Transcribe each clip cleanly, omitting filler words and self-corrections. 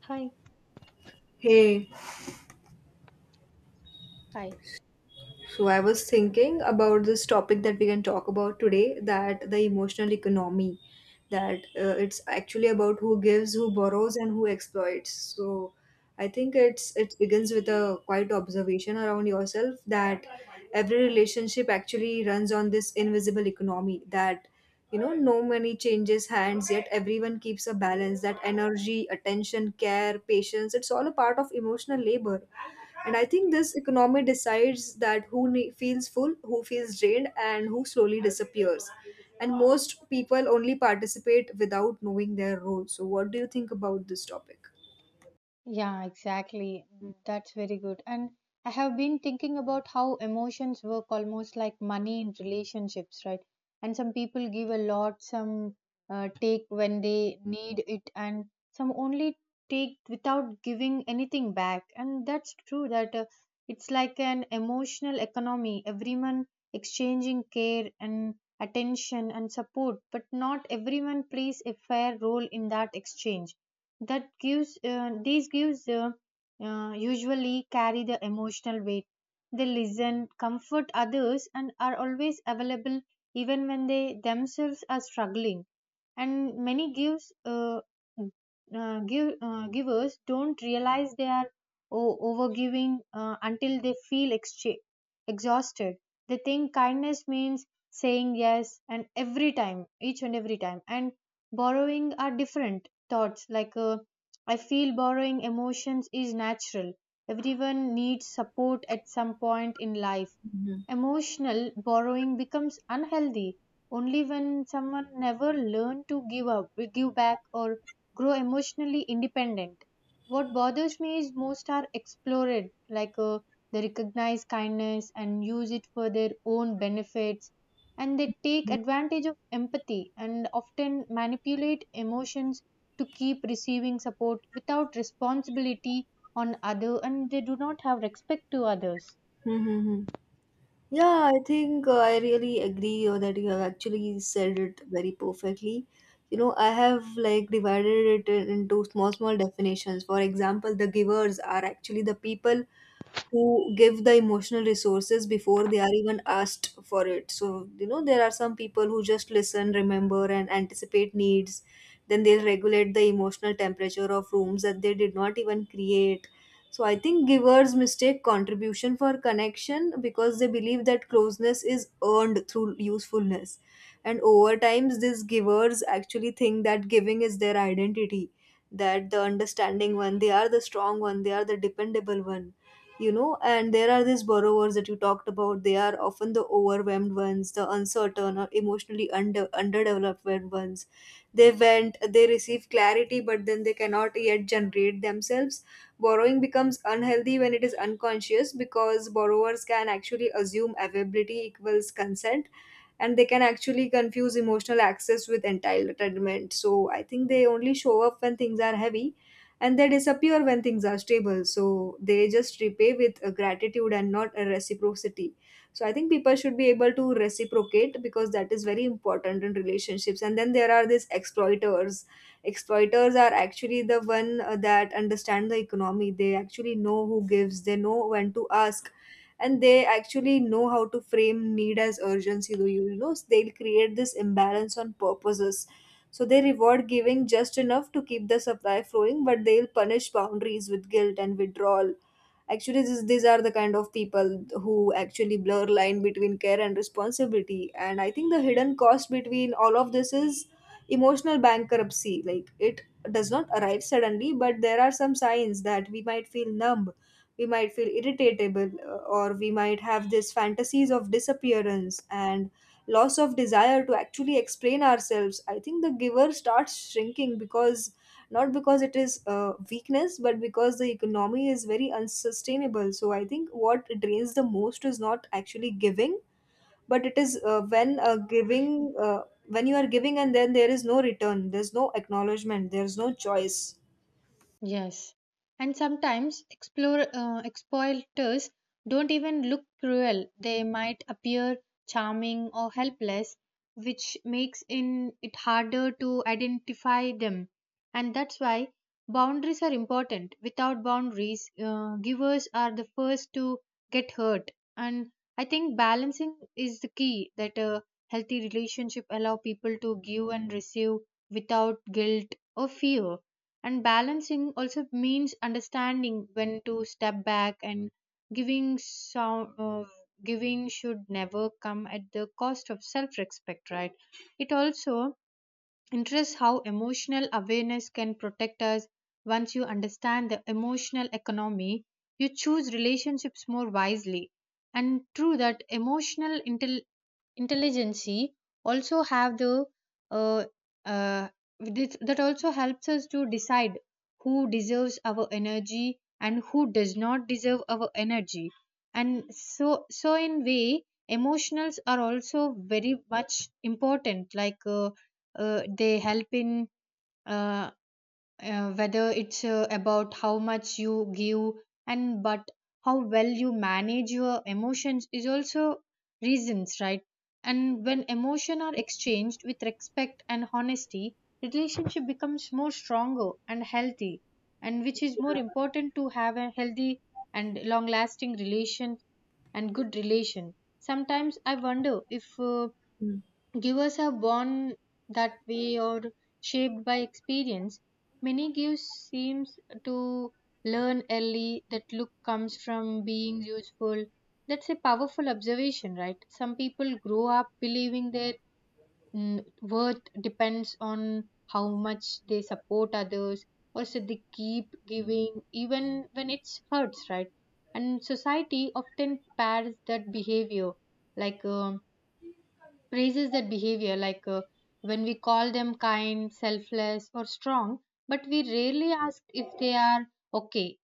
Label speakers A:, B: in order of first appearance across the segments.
A: Hi.
B: Hey,
A: Hi.
B: so I was thinking about this topic that we can talk about today, that the emotional economy, that it's actually about who gives, who borrows, and who exploits. So I think it begins with a quiet observation around yourself that every relationship actually runs on this invisible economy, that you know no money changes hands yet everyone keeps a balance, that energy, attention, care, patience, it's all a part of emotional labor. And I think this economy decides that feels full, who feels drained, and who slowly disappears. And most people only participate without knowing their role. So what do you think about this topic?
A: Yeah, exactly. That's very good. And I have been thinking about how emotions work almost like money in relationships, right? And some people give a lot, some take when they need it, and some only take without giving anything back. And that's true that it's like an emotional economy, everyone exchanging care and attention and support, but not everyone plays a fair role in that exchange that gives these gives usually carry the emotional weight. They listen, comfort others, and are always available even when they themselves are struggling. And many gives mm, give, givers don't realize they are overgiving until they feel exhausted. They think kindness means saying yes and every time, each and every time. And borrowing are different thoughts like I feel borrowing emotions is natural. Everyone needs support at some point in life. Emotional borrowing becomes unhealthy only when someone never learn to give up, give back, or grow emotionally independent. What bothers me is most are explored like they recognize kindness and use it for their own benefits, and they take advantage of empathy and often manipulate emotions to keep receiving support without responsibility on other, and they do not have respect to others.
B: Hmm. Yeah, I think I really agree or that you have actually said it very perfectly. You know, I have like divided it into small, small definitions. For example, the givers are actually the people who give the emotional resources before they are even asked for it. So, you know, there are some people who just listen, remember, and anticipate needs. Then they'll regulate the emotional temperature of rooms that they did not even create. So I think givers mistake contribution for connection because they believe that closeness is earned through usefulness. And over times these givers actually think that giving is their identity, that the understanding one, they are the strong one, they are the dependable one. You know, and there are these borrowers that you talked about. They are often the overwhelmed ones, the uncertain or emotionally under underdeveloped ones. They went, they receive clarity, but then they cannot yet generate themselves. Borrowing becomes unhealthy when it is unconscious, because borrowers can actually assume availability equals consent, and they can actually confuse emotional access with entitlement. So I think they only show up when things are heavy, and they disappear when things are stable. So they just repay with a gratitude and not a reciprocity. So I think people should be able to reciprocate because that is very important in relationships. And then there are these exploiters. Exploiters are actually the one that understand the economy. They actually know who gives, they know when to ask, and they actually know how to frame need as urgency, though you know. So they'll create this imbalance on purposes, so they reward giving just enough to keep the supply flowing, but they'll punish boundaries with guilt and withdrawal. Actually these are the kind of people who actually blur line between care and responsibility. And I think the hidden cost between all of this is emotional bankruptcy. Like it does not arrive suddenly, but there are some signs that we might feel numb, we might feel irritable, or we might have these fantasies of disappearance and loss of desire to actually explain ourselves. I think the giver starts shrinking, because not because it is a weakness, but because the economy is very unsustainable. So I think what drains the most is not actually giving, but it is when you are giving and then there is no return, there's no acknowledgement, there's no choice.
A: Yes, and sometimes explore, exploiters don't even look cruel. They might appear charming or helpless, which makes in, it harder to identify them. And that's why boundaries are important. Without boundaries, givers are the first to get hurt. And I think balancing is the key, that a healthy relationship allow people to give and receive without guilt or fear. And balancing also means understanding when to step back and giving so, giving should never come at the cost of self respect, right? It also interests how emotional awareness can protect us. Once you understand the emotional economy, you choose relationships more wisely, and through that emotional intelligency also have the uh, uh, that also helps us to decide who deserves our energy and who does not deserve our energy. And so, so in way, emotionals are also very much important, like they help in uh, whether it's about how much you give and but how well you manage your emotions is also reasons, right? And when emotion are exchanged with respect and honesty, relationship becomes more stronger and healthy, and which is more important to have a healthy and long lasting relation and good relation. Sometimes I wonder if givers are born that way or shaped by experience. Many gifts seems to learn early that look comes from being useful. That's a powerful observation, right? Some people grow up believing their worth depends on how much they support others, or so they keep giving even when it hurts, right? And society often pairs that behavior like praises that behavior like when we call them kind, selfless, or strong, but we rarely ask if they are okay.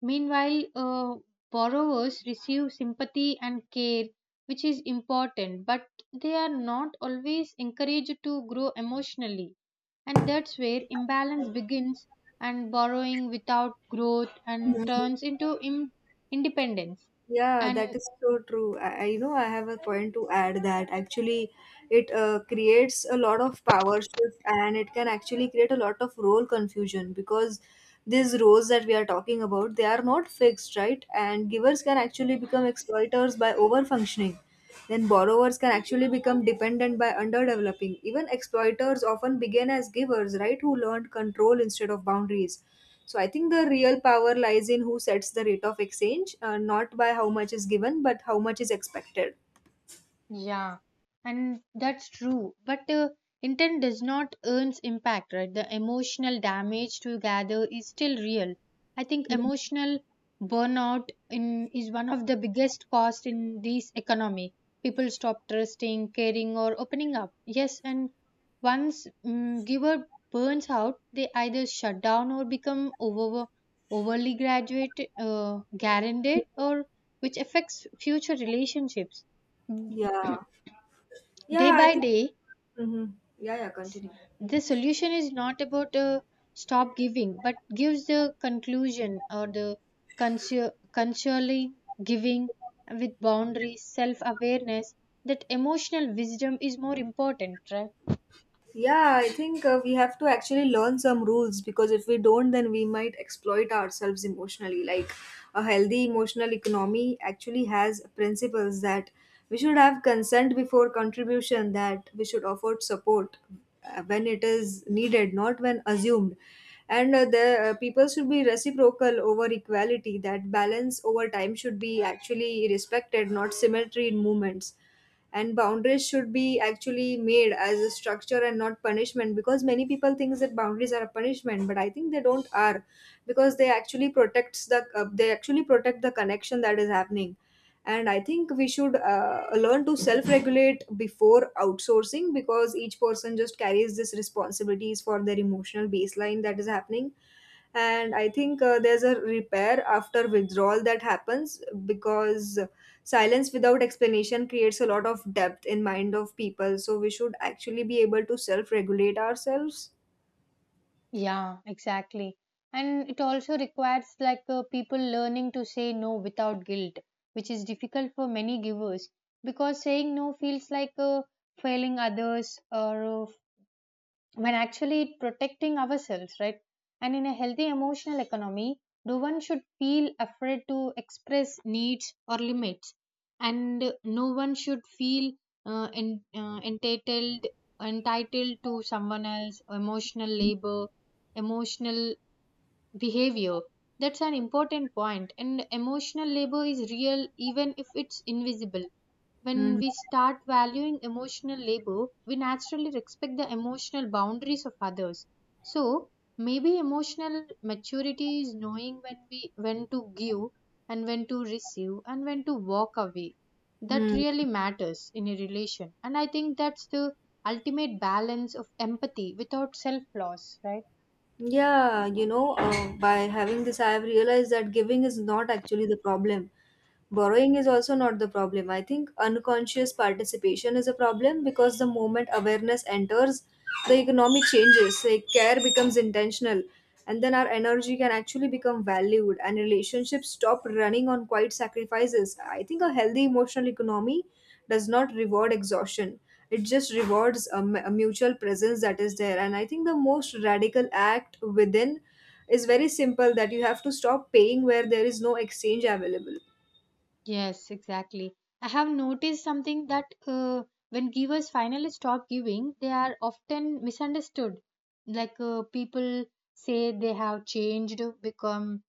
A: Meanwhile, borrowers receive sympathy and care, which is important, but they are not always encouraged to grow emotionally. And that's where imbalance begins, and borrowing without growth and
B: Mm.
A: turns into independence.
B: Yeah,
A: And
B: that is so true. I you know I have a point to add that actually it creates a lot of power shift, and it can actually create a lot of role confusion, because these roles that we are talking about, they are not fixed, right? And givers can actually become exploiters by over functioning. Then borrowers can actually become dependent by underdeveloping. Even exploiters often begin as givers, right? Who learned control instead of boundaries. So I think the real power lies in who sets the rate of exchange, not by how much is given, but how much is expected.
A: yeah, and that's true. But intent does not earn impact, right? The emotional damage to gather is still real. I think
B: Mhm.
A: emotional burnout in is one of the biggest cost in this economy. People stop trusting, caring, or opening up. Yes, and once giver burns out, they either shut down or become over overly graduate, guaranteed, or which affects future relationships
B: Yeah.
A: day
B: Yeah, I
A: by
B: think.
A: day.
B: Hmm. Yeah, yeah,
A: s-
B: continue.
A: the solution is not about stop giving, but gives the conclusion or the consually giving with boundaries, self awareness. That emotional wisdom is more important, right?
B: Yeah, I think we have to actually learn some rules, because if we don't, then we might exploit ourselves emotionally. Like a healthy emotional economy actually has principles, that we should have consent before contribution, that we should offer support when it is needed, not when assumed. And the People should be reciprocal over equality, that balance over time should be actually respected, not symmetry in movements. And boundaries should be actually made as a structure and not punishment, because many people thinks that boundaries are a punishment, but I think they don't are, because they actually protects they actually protect the connection that is happening. And I think we should learn to self regulate before outsourcing, because each person just carries this responsibilities for their emotional baseline that is happening. And I think there's a repair after withdrawal that happens, because silence without explanation creates a lot of depth in mind of people. So we should actually be able to self regulate ourselves.
A: Yeah, exactly. And it also requires like people learning to say no without guilt, which is difficult for many givers because saying no feels like failing others or when actually protecting ourselves, right? And in a healthy emotional economy, no one should feel afraid to express needs or limits, and no one should feel entitled, entitled to someone else emotional labor, emotional behavior. That's an important point, and emotional labor is real even if it's invisible. When
B: Hmm.
A: we start valuing emotional labor, we naturally respect the emotional boundaries of others. So, maybe emotional maturity is knowing when to give and when to receive and when to walk away. That
B: Hmm.
A: really matters in a relation, and I think that's the ultimate balance of empathy without self loss, right?
B: Yeah, you know by having this I have realized that giving is not actually the problem. Borrowing is also not the problem. I think unconscious participation is a problem, because the moment awareness enters, the economy changes, like care becomes intentional, and then our energy can actually become valued, and relationships stop running on quiet sacrifices. I think a healthy emotional economy does not reward exhaustion, it just rewards a mutual presence that is there. And I think the most radical act within is very simple, that you have to stop paying where there is no exchange available.
A: Yes, exactly. I have noticed something that when givers finally stop giving, they are often misunderstood. Like people say they have changed,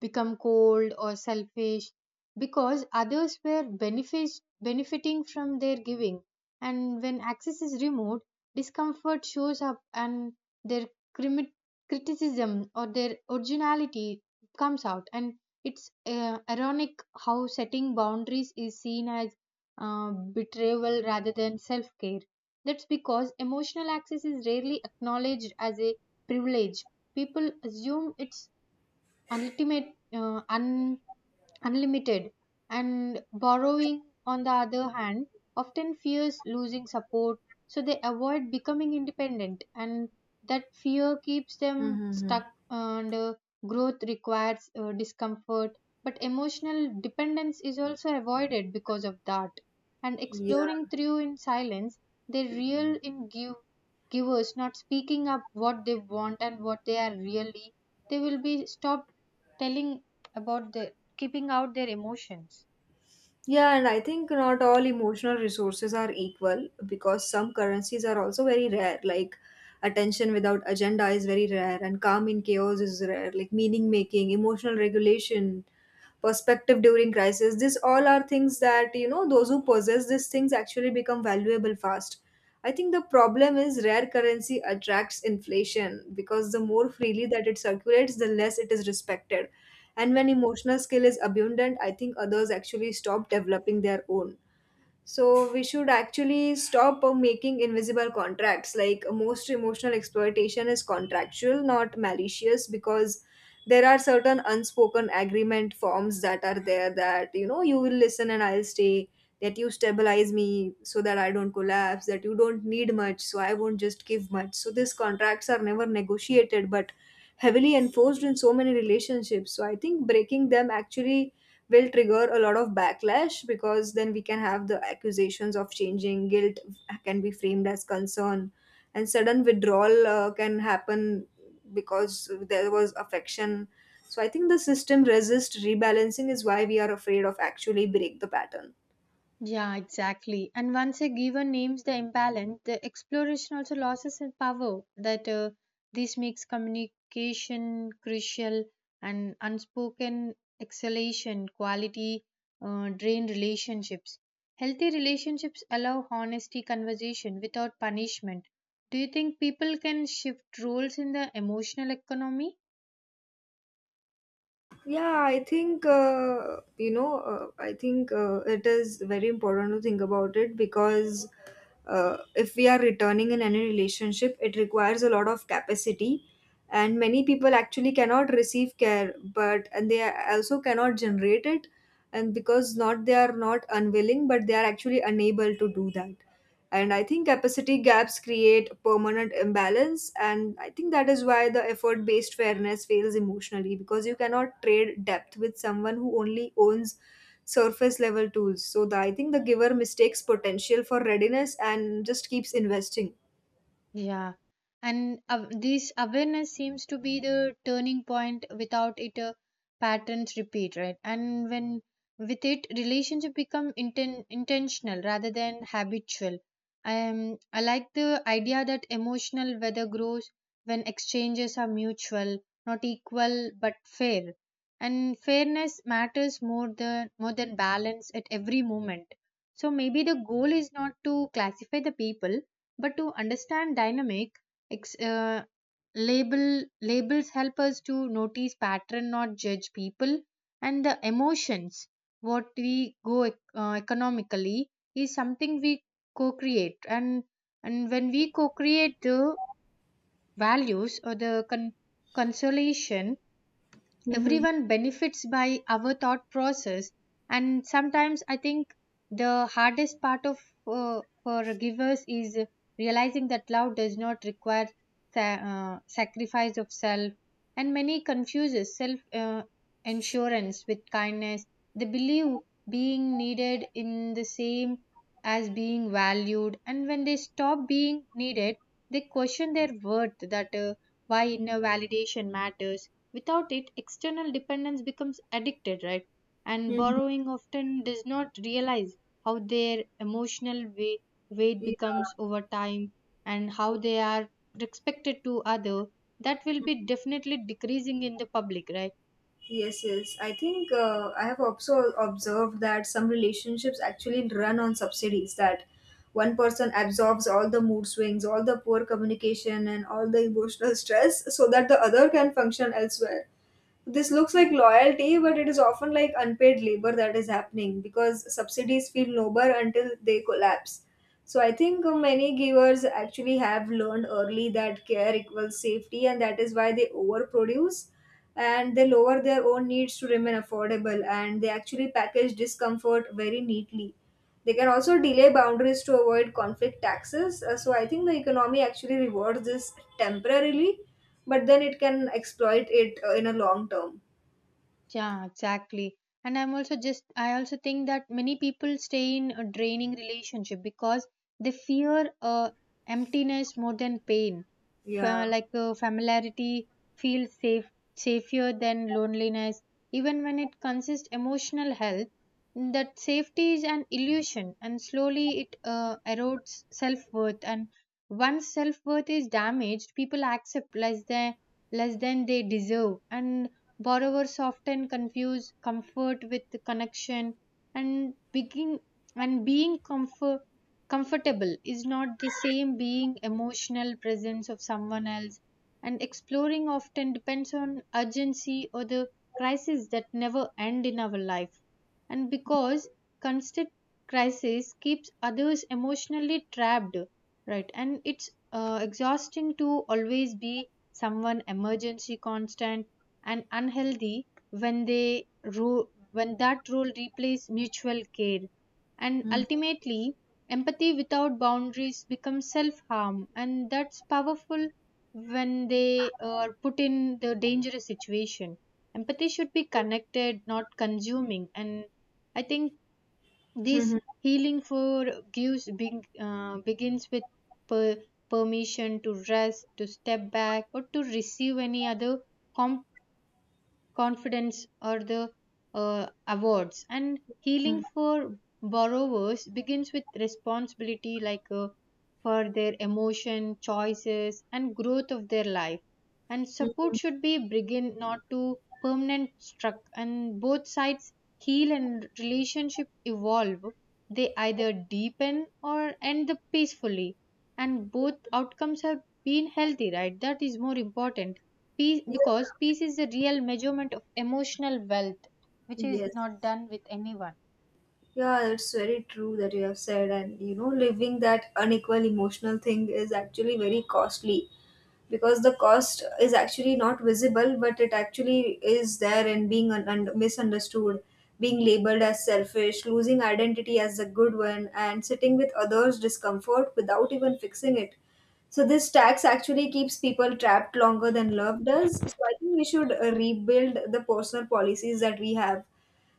A: become cold or selfish because others were benefit, benefiting from their giving. And when access is removed, discomfort shows up and their crimi- criticism or their originality comes out. And it's ironic how setting boundaries is seen as betrayal rather than self care. That's because emotional access is rarely acknowledged as a privilege. People assume it's ultimate, uh, un- unlimited. And borrowing on the other hand often fears losing support, so they avoid becoming independent, and that fear keeps them
B: Mm-hmm.
A: stuck. And growth requires discomfort, but emotional dependence is also avoided because of that. And
B: Yeah.
A: exploring through in silence, they real in give, givers not speaking up what they want and what they are really, they will be stopped telling about the, keeping out their emotions.
B: Yeah, and I think not all emotional resources are equal, because some currencies are also very rare. Like attention without agenda is very rare, and calm in chaos is rare. Like meaning making, emotional regulation, perspective during crisis, this all are things that you know those who possess these things actually become valuable fast. I think the problem is rare currency attracts inflation, because the more freely that it circulates, the less it is respected. And when emotional skill is abundant, I think others actually stop developing their own. So we should actually stop making invisible contracts. Like most emotional exploitation is contractual, not malicious, because there are certain unspoken agreement forms that are there, that you know you will listen and I'll stay. That you stabilize me so that I don't collapse. That you don't need much, so I won't just give much. So these contracts are never negotiated, but heavily enforced in so many relationships. So I think breaking them actually will trigger a lot of backlash, because then we can have the accusations of changing guilt can be framed as concern, and sudden withdrawal can happen because there was affection. So I think the system resists rebalancing is why we are afraid of actually break the pattern.
A: Yeah, exactly. And once a giver names the imbalance, the exploration also loses in power. That this makes communication crucial, and unspoken exhalation quality drain relationships. Healthy relationships allow honesty conversation without punishment. Do you think people can shift roles in the emotional economy?
B: Yeah, I think, I think it is very important to think about it, because if we are returning in any relationship, it requires a lot of capacity, and many people actually cannot receive care, but and they also cannot generate it, and because not they are not unwilling, but they are actually unable to do that. And I think capacity gaps create permanent imbalance, and I think that is why the effort based fairness fails emotionally, because you cannot trade depth with someone who only owns surface level tools. So I think the giver mistakes potential for readiness and just keeps investing.
A: Yeah, and this awareness seems to be the turning point. Without it, patterns repeat, right? And when with it, relationship become intentional rather than habitual. I like the idea that emotional weather grows when exchanges are mutual, not equal but fair. And fairness matters more than balance at every moment. So maybe the goal is not to classify the people but to understand dynamic, ex- uh, label labels help us to notice pattern, not judge people, and the emotions. What we go economically is something we co-create, and when we co-create the values or the consolation, everyone benefits by our thought process. And sometimes I think the hardest part of for givers is realizing that love does not require sacrifice of self. And many confuses self insurance with kindness. They believe being needed in the same as being valued, and when they stop being needed, they question their worth. That why inner validation matters. Without it, external dependence becomes addicted, right? And
B: Mm-hmm.
A: borrowing often does not realize how their emotional weight, weight becomes over time, and how they are respected to other. That will be definitely decreasing in the public, right?
B: Yes, yes. I think I have also observed that some relationships actually run on subsidies, that one person absorbs all the mood swings, all the poor communication, and all the emotional stress so that the other can function elsewhere. This looks like loyalty, but it is often like unpaid labor that is happening, because subsidies feel noble until they collapse. So I think many givers actually have learned early that care equals safety, and that is why they overproduce, and they lower their own needs to remain affordable, and they actually package discomfort very neatly. They can also delay boundaries to avoid conflict taxes. So I think the economy actually rewards this temporarily, but then it can exploit it in a long term.
A: Yeah, exactly. And I'm also just, I also think that many people stay in a draining relationship because they fear emptiness more than pain.
B: Yeah.
A: Like familiarity feels safe, safer than loneliness. Even when it consists emotional health, that safety is an illusion, and slowly it erodes self worth. And once self worth is damaged, people accept less than they deserve. And borrowers often confuse comfort with connection and begin and being comfort, comfortable is not the same being emotional presence of someone else. And exploring often depends on urgency or the crises that never end in our life. And because constant crisis keeps others emotionally trapped, right? And it's exhausting to always be someone emergency constant, and unhealthy when they rule when that role replaces mutual care. And
B: Hmm.
A: ultimately empathy without boundaries becomes self-harm, and that's powerful when they are put in the dangerous situation. Empathy should be connected not consuming. And I think this
B: Mhm.
A: healing for gives big, begins with per- permission to rest, to step back, or to receive any other complex confidence or the awards. And
B: Mhm.
A: healing for borrowers begins with responsibility, like for their emotion choices and growth of their life. And support
B: Mhm.
A: should be begin not to permanent struck, and both sides heal and relationship evolve. They either deepen or end up peacefully, and both outcomes have been healthy, right? That is more important. Peace,
B: Yeah.
A: because peace is the real measurement of emotional wealth, which is
B: Yes.
A: not done with anyone.
B: Yeah, it's very true that you have said, and you know, living that unequal emotional thing is actually very costly. Because the cost is actually not visible, but it actually is there, and being misunderstood, being labeled as selfish, losing identity as a good one, and sitting with others discomfort without even fixing it. So this tax actually keeps people trapped longer than love does. So I think we should rebuild the personal policies that we have,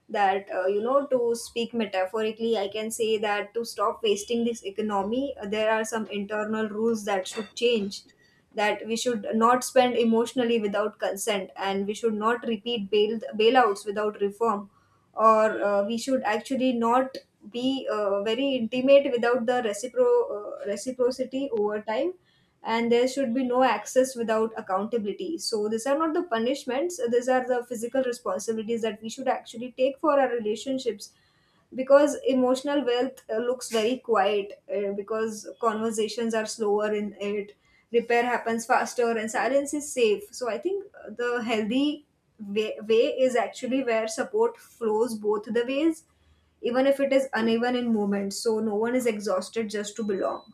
B: that to speak metaphorically, I can say that to stop wasting this economy, there are some internal rules that should change, that we should not spend emotionally without consent, and we should not repeat bailouts without reform, or we should actually not be very intimate without the reciprocity over time, and there should be no access without accountability. So these are not the punishments, these are the physical responsibilities that we should actually take for our relationships, because emotional wealth looks very quiet, because conversations are slower in it, repair happens faster, and silence is safe. So I think the healthy way is actually where support flows both the ways, even if it is uneven in moments, so no one is exhausted just to belong.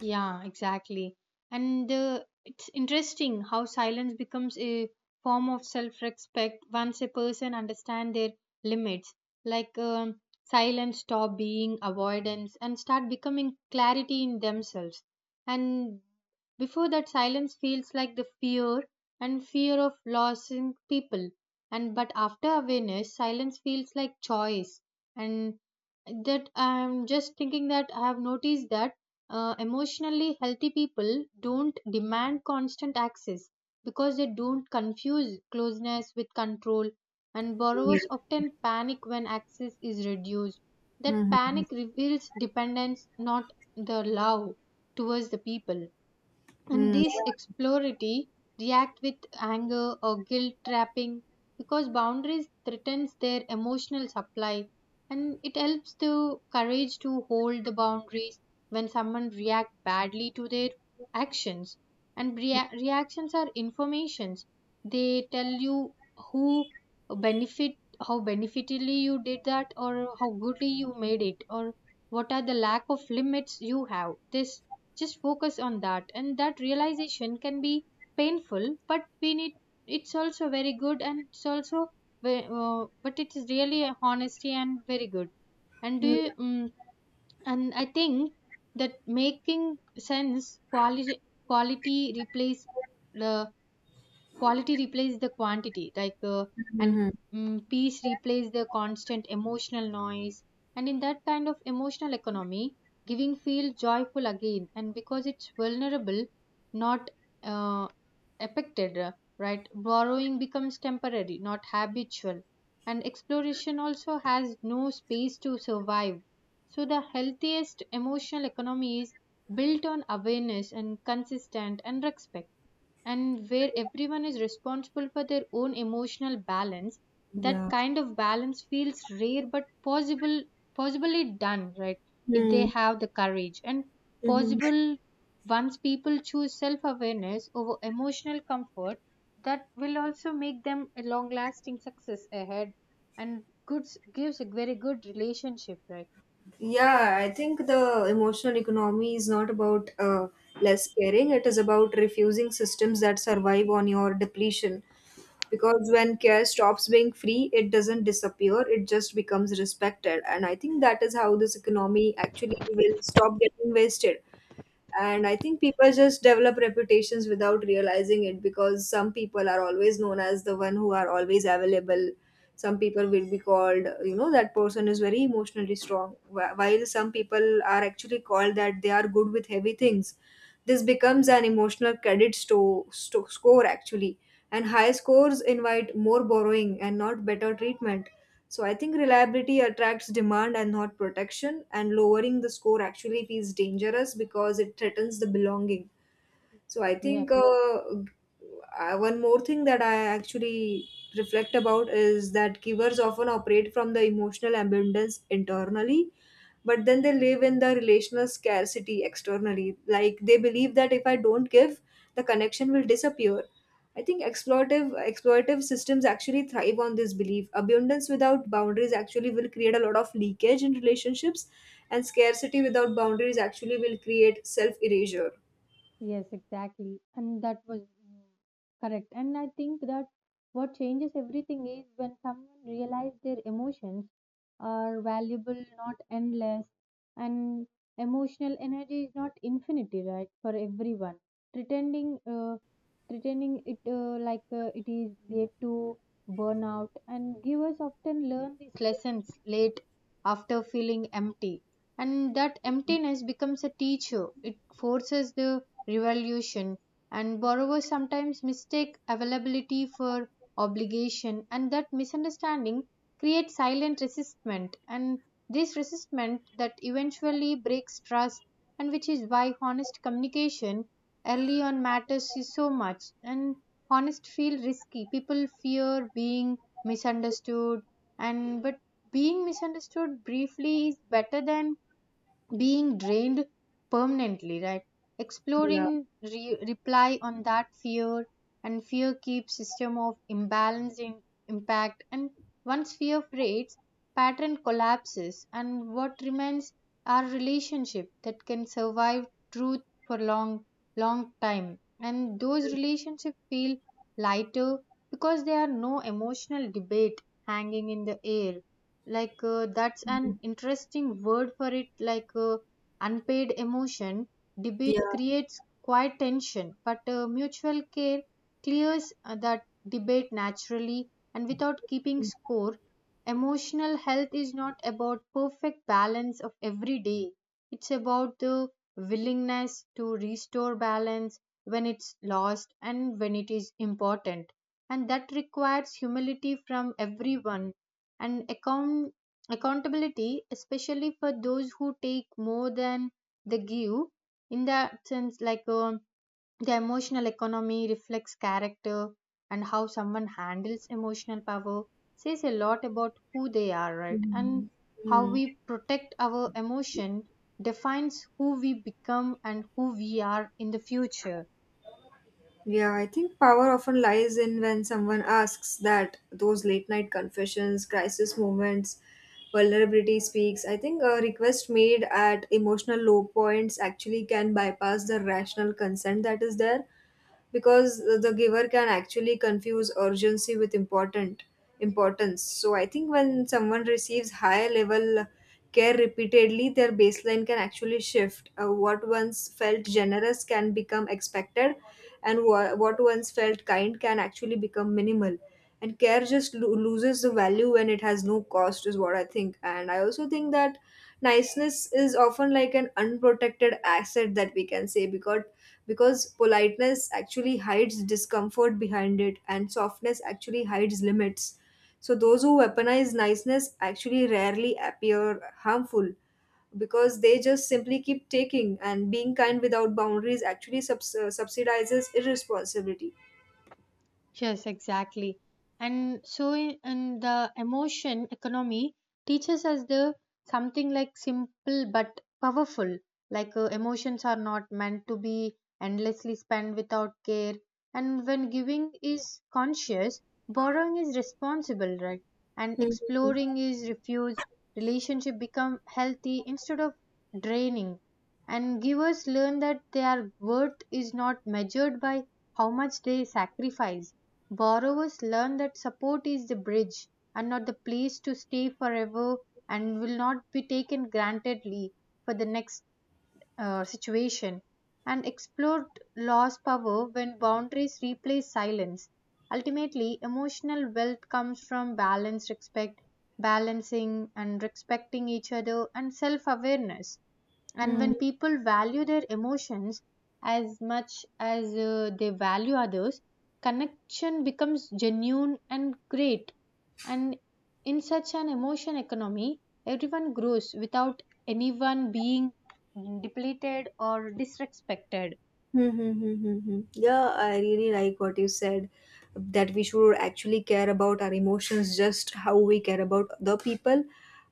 A: Yeah, exactly. And it's interesting how silence becomes a form of self-respect once a person understands their limits. Like silence stop being avoidance and start becoming clarity in themselves. And before that, silence feels like the fear and fear of losing people. And but after awareness, silence feels like choice. And that, I'm just thinking that I have noticed that emotionally healthy people don't demand constant access because they don't confuse closeness with control, and borrowers often panic when access is reduced. That panic reveals dependence, not the love towards the people. And these exploratory react with anger or guilt trapping because boundaries threatens their emotional supply, and it helps the courage to hold the boundaries when someone react badly to their actions. And reactions are informations. They tell you who benefit, how beneficially you did that, or how goodly you made it, or what are the lack of limits you have. This, just focus on that, and that realization can be painful, but we need It's also very good, and it's also but it is really a honesty and very good. And do
B: Hmm.
A: you, and I think that making sense, quality, quality replace the quality replaces the quantity, and peace replaces the constant emotional noise. And in that kind of emotional economy, giving feels joyful again, and because it's vulnerable, not uh, affected, right, borrowing becomes temporary, not habitual, and exploration also has no space to survive. So the healthiest emotional economy is built on awareness and consistent and respect, and where everyone is responsible for their own emotional balance. That
B: Yeah.
A: kind of balance feels rare but possible, possibly done right, if they
B: Hmm.
A: have the courage and
B: Hmm.
A: possible once people choose self awareness over emotional comfort. That will also make them a long lasting success ahead, and goods gives a very good relationship, right?
B: Yeah, I think the emotional economy is not about less caring. It is about refusing systems that survive on your depletion. Because when care stops being free, it doesn't disappear, it just becomes respected. And I think that is how this economy actually will stop getting wasted. And I think people just develop reputations without realizing it, because some people are always known as the one who are always available, some people will be called, you know, that person is very emotionally strong. Wh- while some people are actually called that they are good with heavy things. This becomes an emotional credit score actually, and high scores invite more borrowing and not better treatment. So I think reliability attracts demand and not protection, and lowering the score actually feels dangerous because it threatens the belonging. So I
A: Yeah.
B: think one more thing that I actually reflect about is that givers often operate from the emotional abundance internally, but then they live in the relational scarcity externally. Like they believe that if I don't give, the connection will disappear. I think exploitive systems actually thrive on this belief. Abundance without boundaries actually will create a lot of leakage in relationships, and scarcity without boundaries actually will create self erasure.
A: Yes, exactly. And that was correct. And I think that what changes everything is when someone realizes their emotions are valuable, not endless, and emotional energy is not infinity, right? For everyone, pretending, uh, pretending it it is lead to burnout, and givers often learn these lessons late after feeling empty, and that emptiness becomes a teacher. It forces the revolution. And borrowers sometimes mistake availability for obligation, and that misunderstanding creates silent resistment, and this resistment that eventually breaks trust, and which is why honest communication early on matters is so much. And honest feel risky. People fear being misunderstood, and but being misunderstood briefly is better than being drained permanently, right?
B: Yeah.
A: Exploring reply on that fear, and fear keeps system of imbalance in impact, and once fear fades, pattern collapses, and what remains are relationship that can survive truth for long long time. And those relationships feel lighter because there are no emotional debate hanging in the air. That's an interesting word for it, unpaid emotion. Debate creates quite tension, but mutual care clears that debate naturally and without keeping score. Emotional health is not about perfect balance of every day. It's about the willingness to restore balance when it's lost and when it is important, and that requires humility from everyone, and accountability, especially for those who take more than they give. In that sense, the emotional economy reflects character, and how someone handles emotional power says a lot about who they are, right? And
B: Mhm.
A: how
B: Mm.
A: we protect our emotion defines who we become and who we are in the future.
B: Yeah, I think power often lies in when someone asks, that those late night confessions, crisis moments, vulnerability speaks. I think a request made at emotional low points actually can bypass the rational consent that is there, because the giver can actually confuse urgency with important importance. So I think when someone receives high level care repeatedly, their baseline can actually shift. What once felt generous can become expected, and what once felt kind can actually become minimal, and care just loses the value when it has no cost, is what I think. And I also think that niceness is often like an unprotected asset that we can say, because politeness actually hides discomfort behind it, and softness actually hides limits. So those who weaponize niceness actually rarely appear harmful, because they just simply keep taking, and being kind without boundaries actually subsidizes irresponsibility.
A: Yes, exactly. And so in the emotion economy teaches us the something like simple but powerful. Emotions are not meant to be endlessly spent without care. And when giving is conscious, borrowing is responsible, right? And exploring is refused. Relationship become healthy instead of draining. And givers learn that their worth is not measured by how much they sacrifice. Borrowers learn that support is the bridge and not the place to stay forever, and will not be taken grantedly for the next situation. And explore law's power when boundaries replace silence. Ultimately, emotional wealth comes from balanced respect, balancing and respecting each other and self awareness, and
B: Mhm.
A: when people value their emotions as much as they value others, connection becomes genuine and great. And in such an emotion economy, everyone grows without anyone being depleted or disrespected.
B: Hmm. Hmm. Hmm, hmm, hmm. Yeah, I really like what you said, that we should actually care about our emotions just how we care about the people.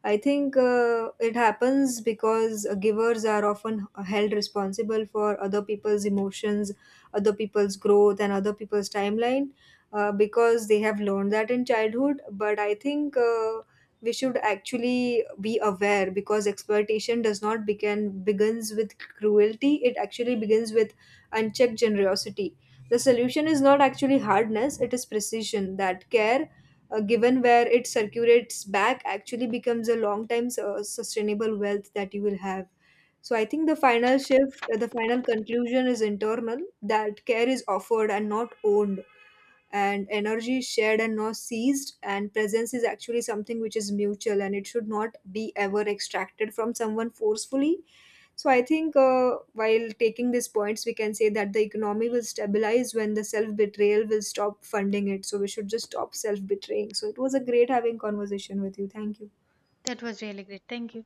B: I think it happens because givers are often held responsible for other people's emotions, other people's growth, and other people's timeline, because they have learned that in childhood. But I think we should actually be aware, because exploitation does not begins with cruelty. It actually begins with and check generosity. The solution is not actually hardness, it is precision. That care given where it circulates back actually becomes a long time sustainable wealth that you will have. So I think the final shift, the final conclusion is internal, that care is offered and not owned, and energy is shared and not seized, and presence is actually something which is mutual, and it should not be ever extracted from someone forcefully. So I think while taking these points, we can say that the economy will stabilize when the self betrayal will stop funding it. So we should just stop self betraying. So it was a great having conversation with you. Thank you.
A: That was really great, thank you.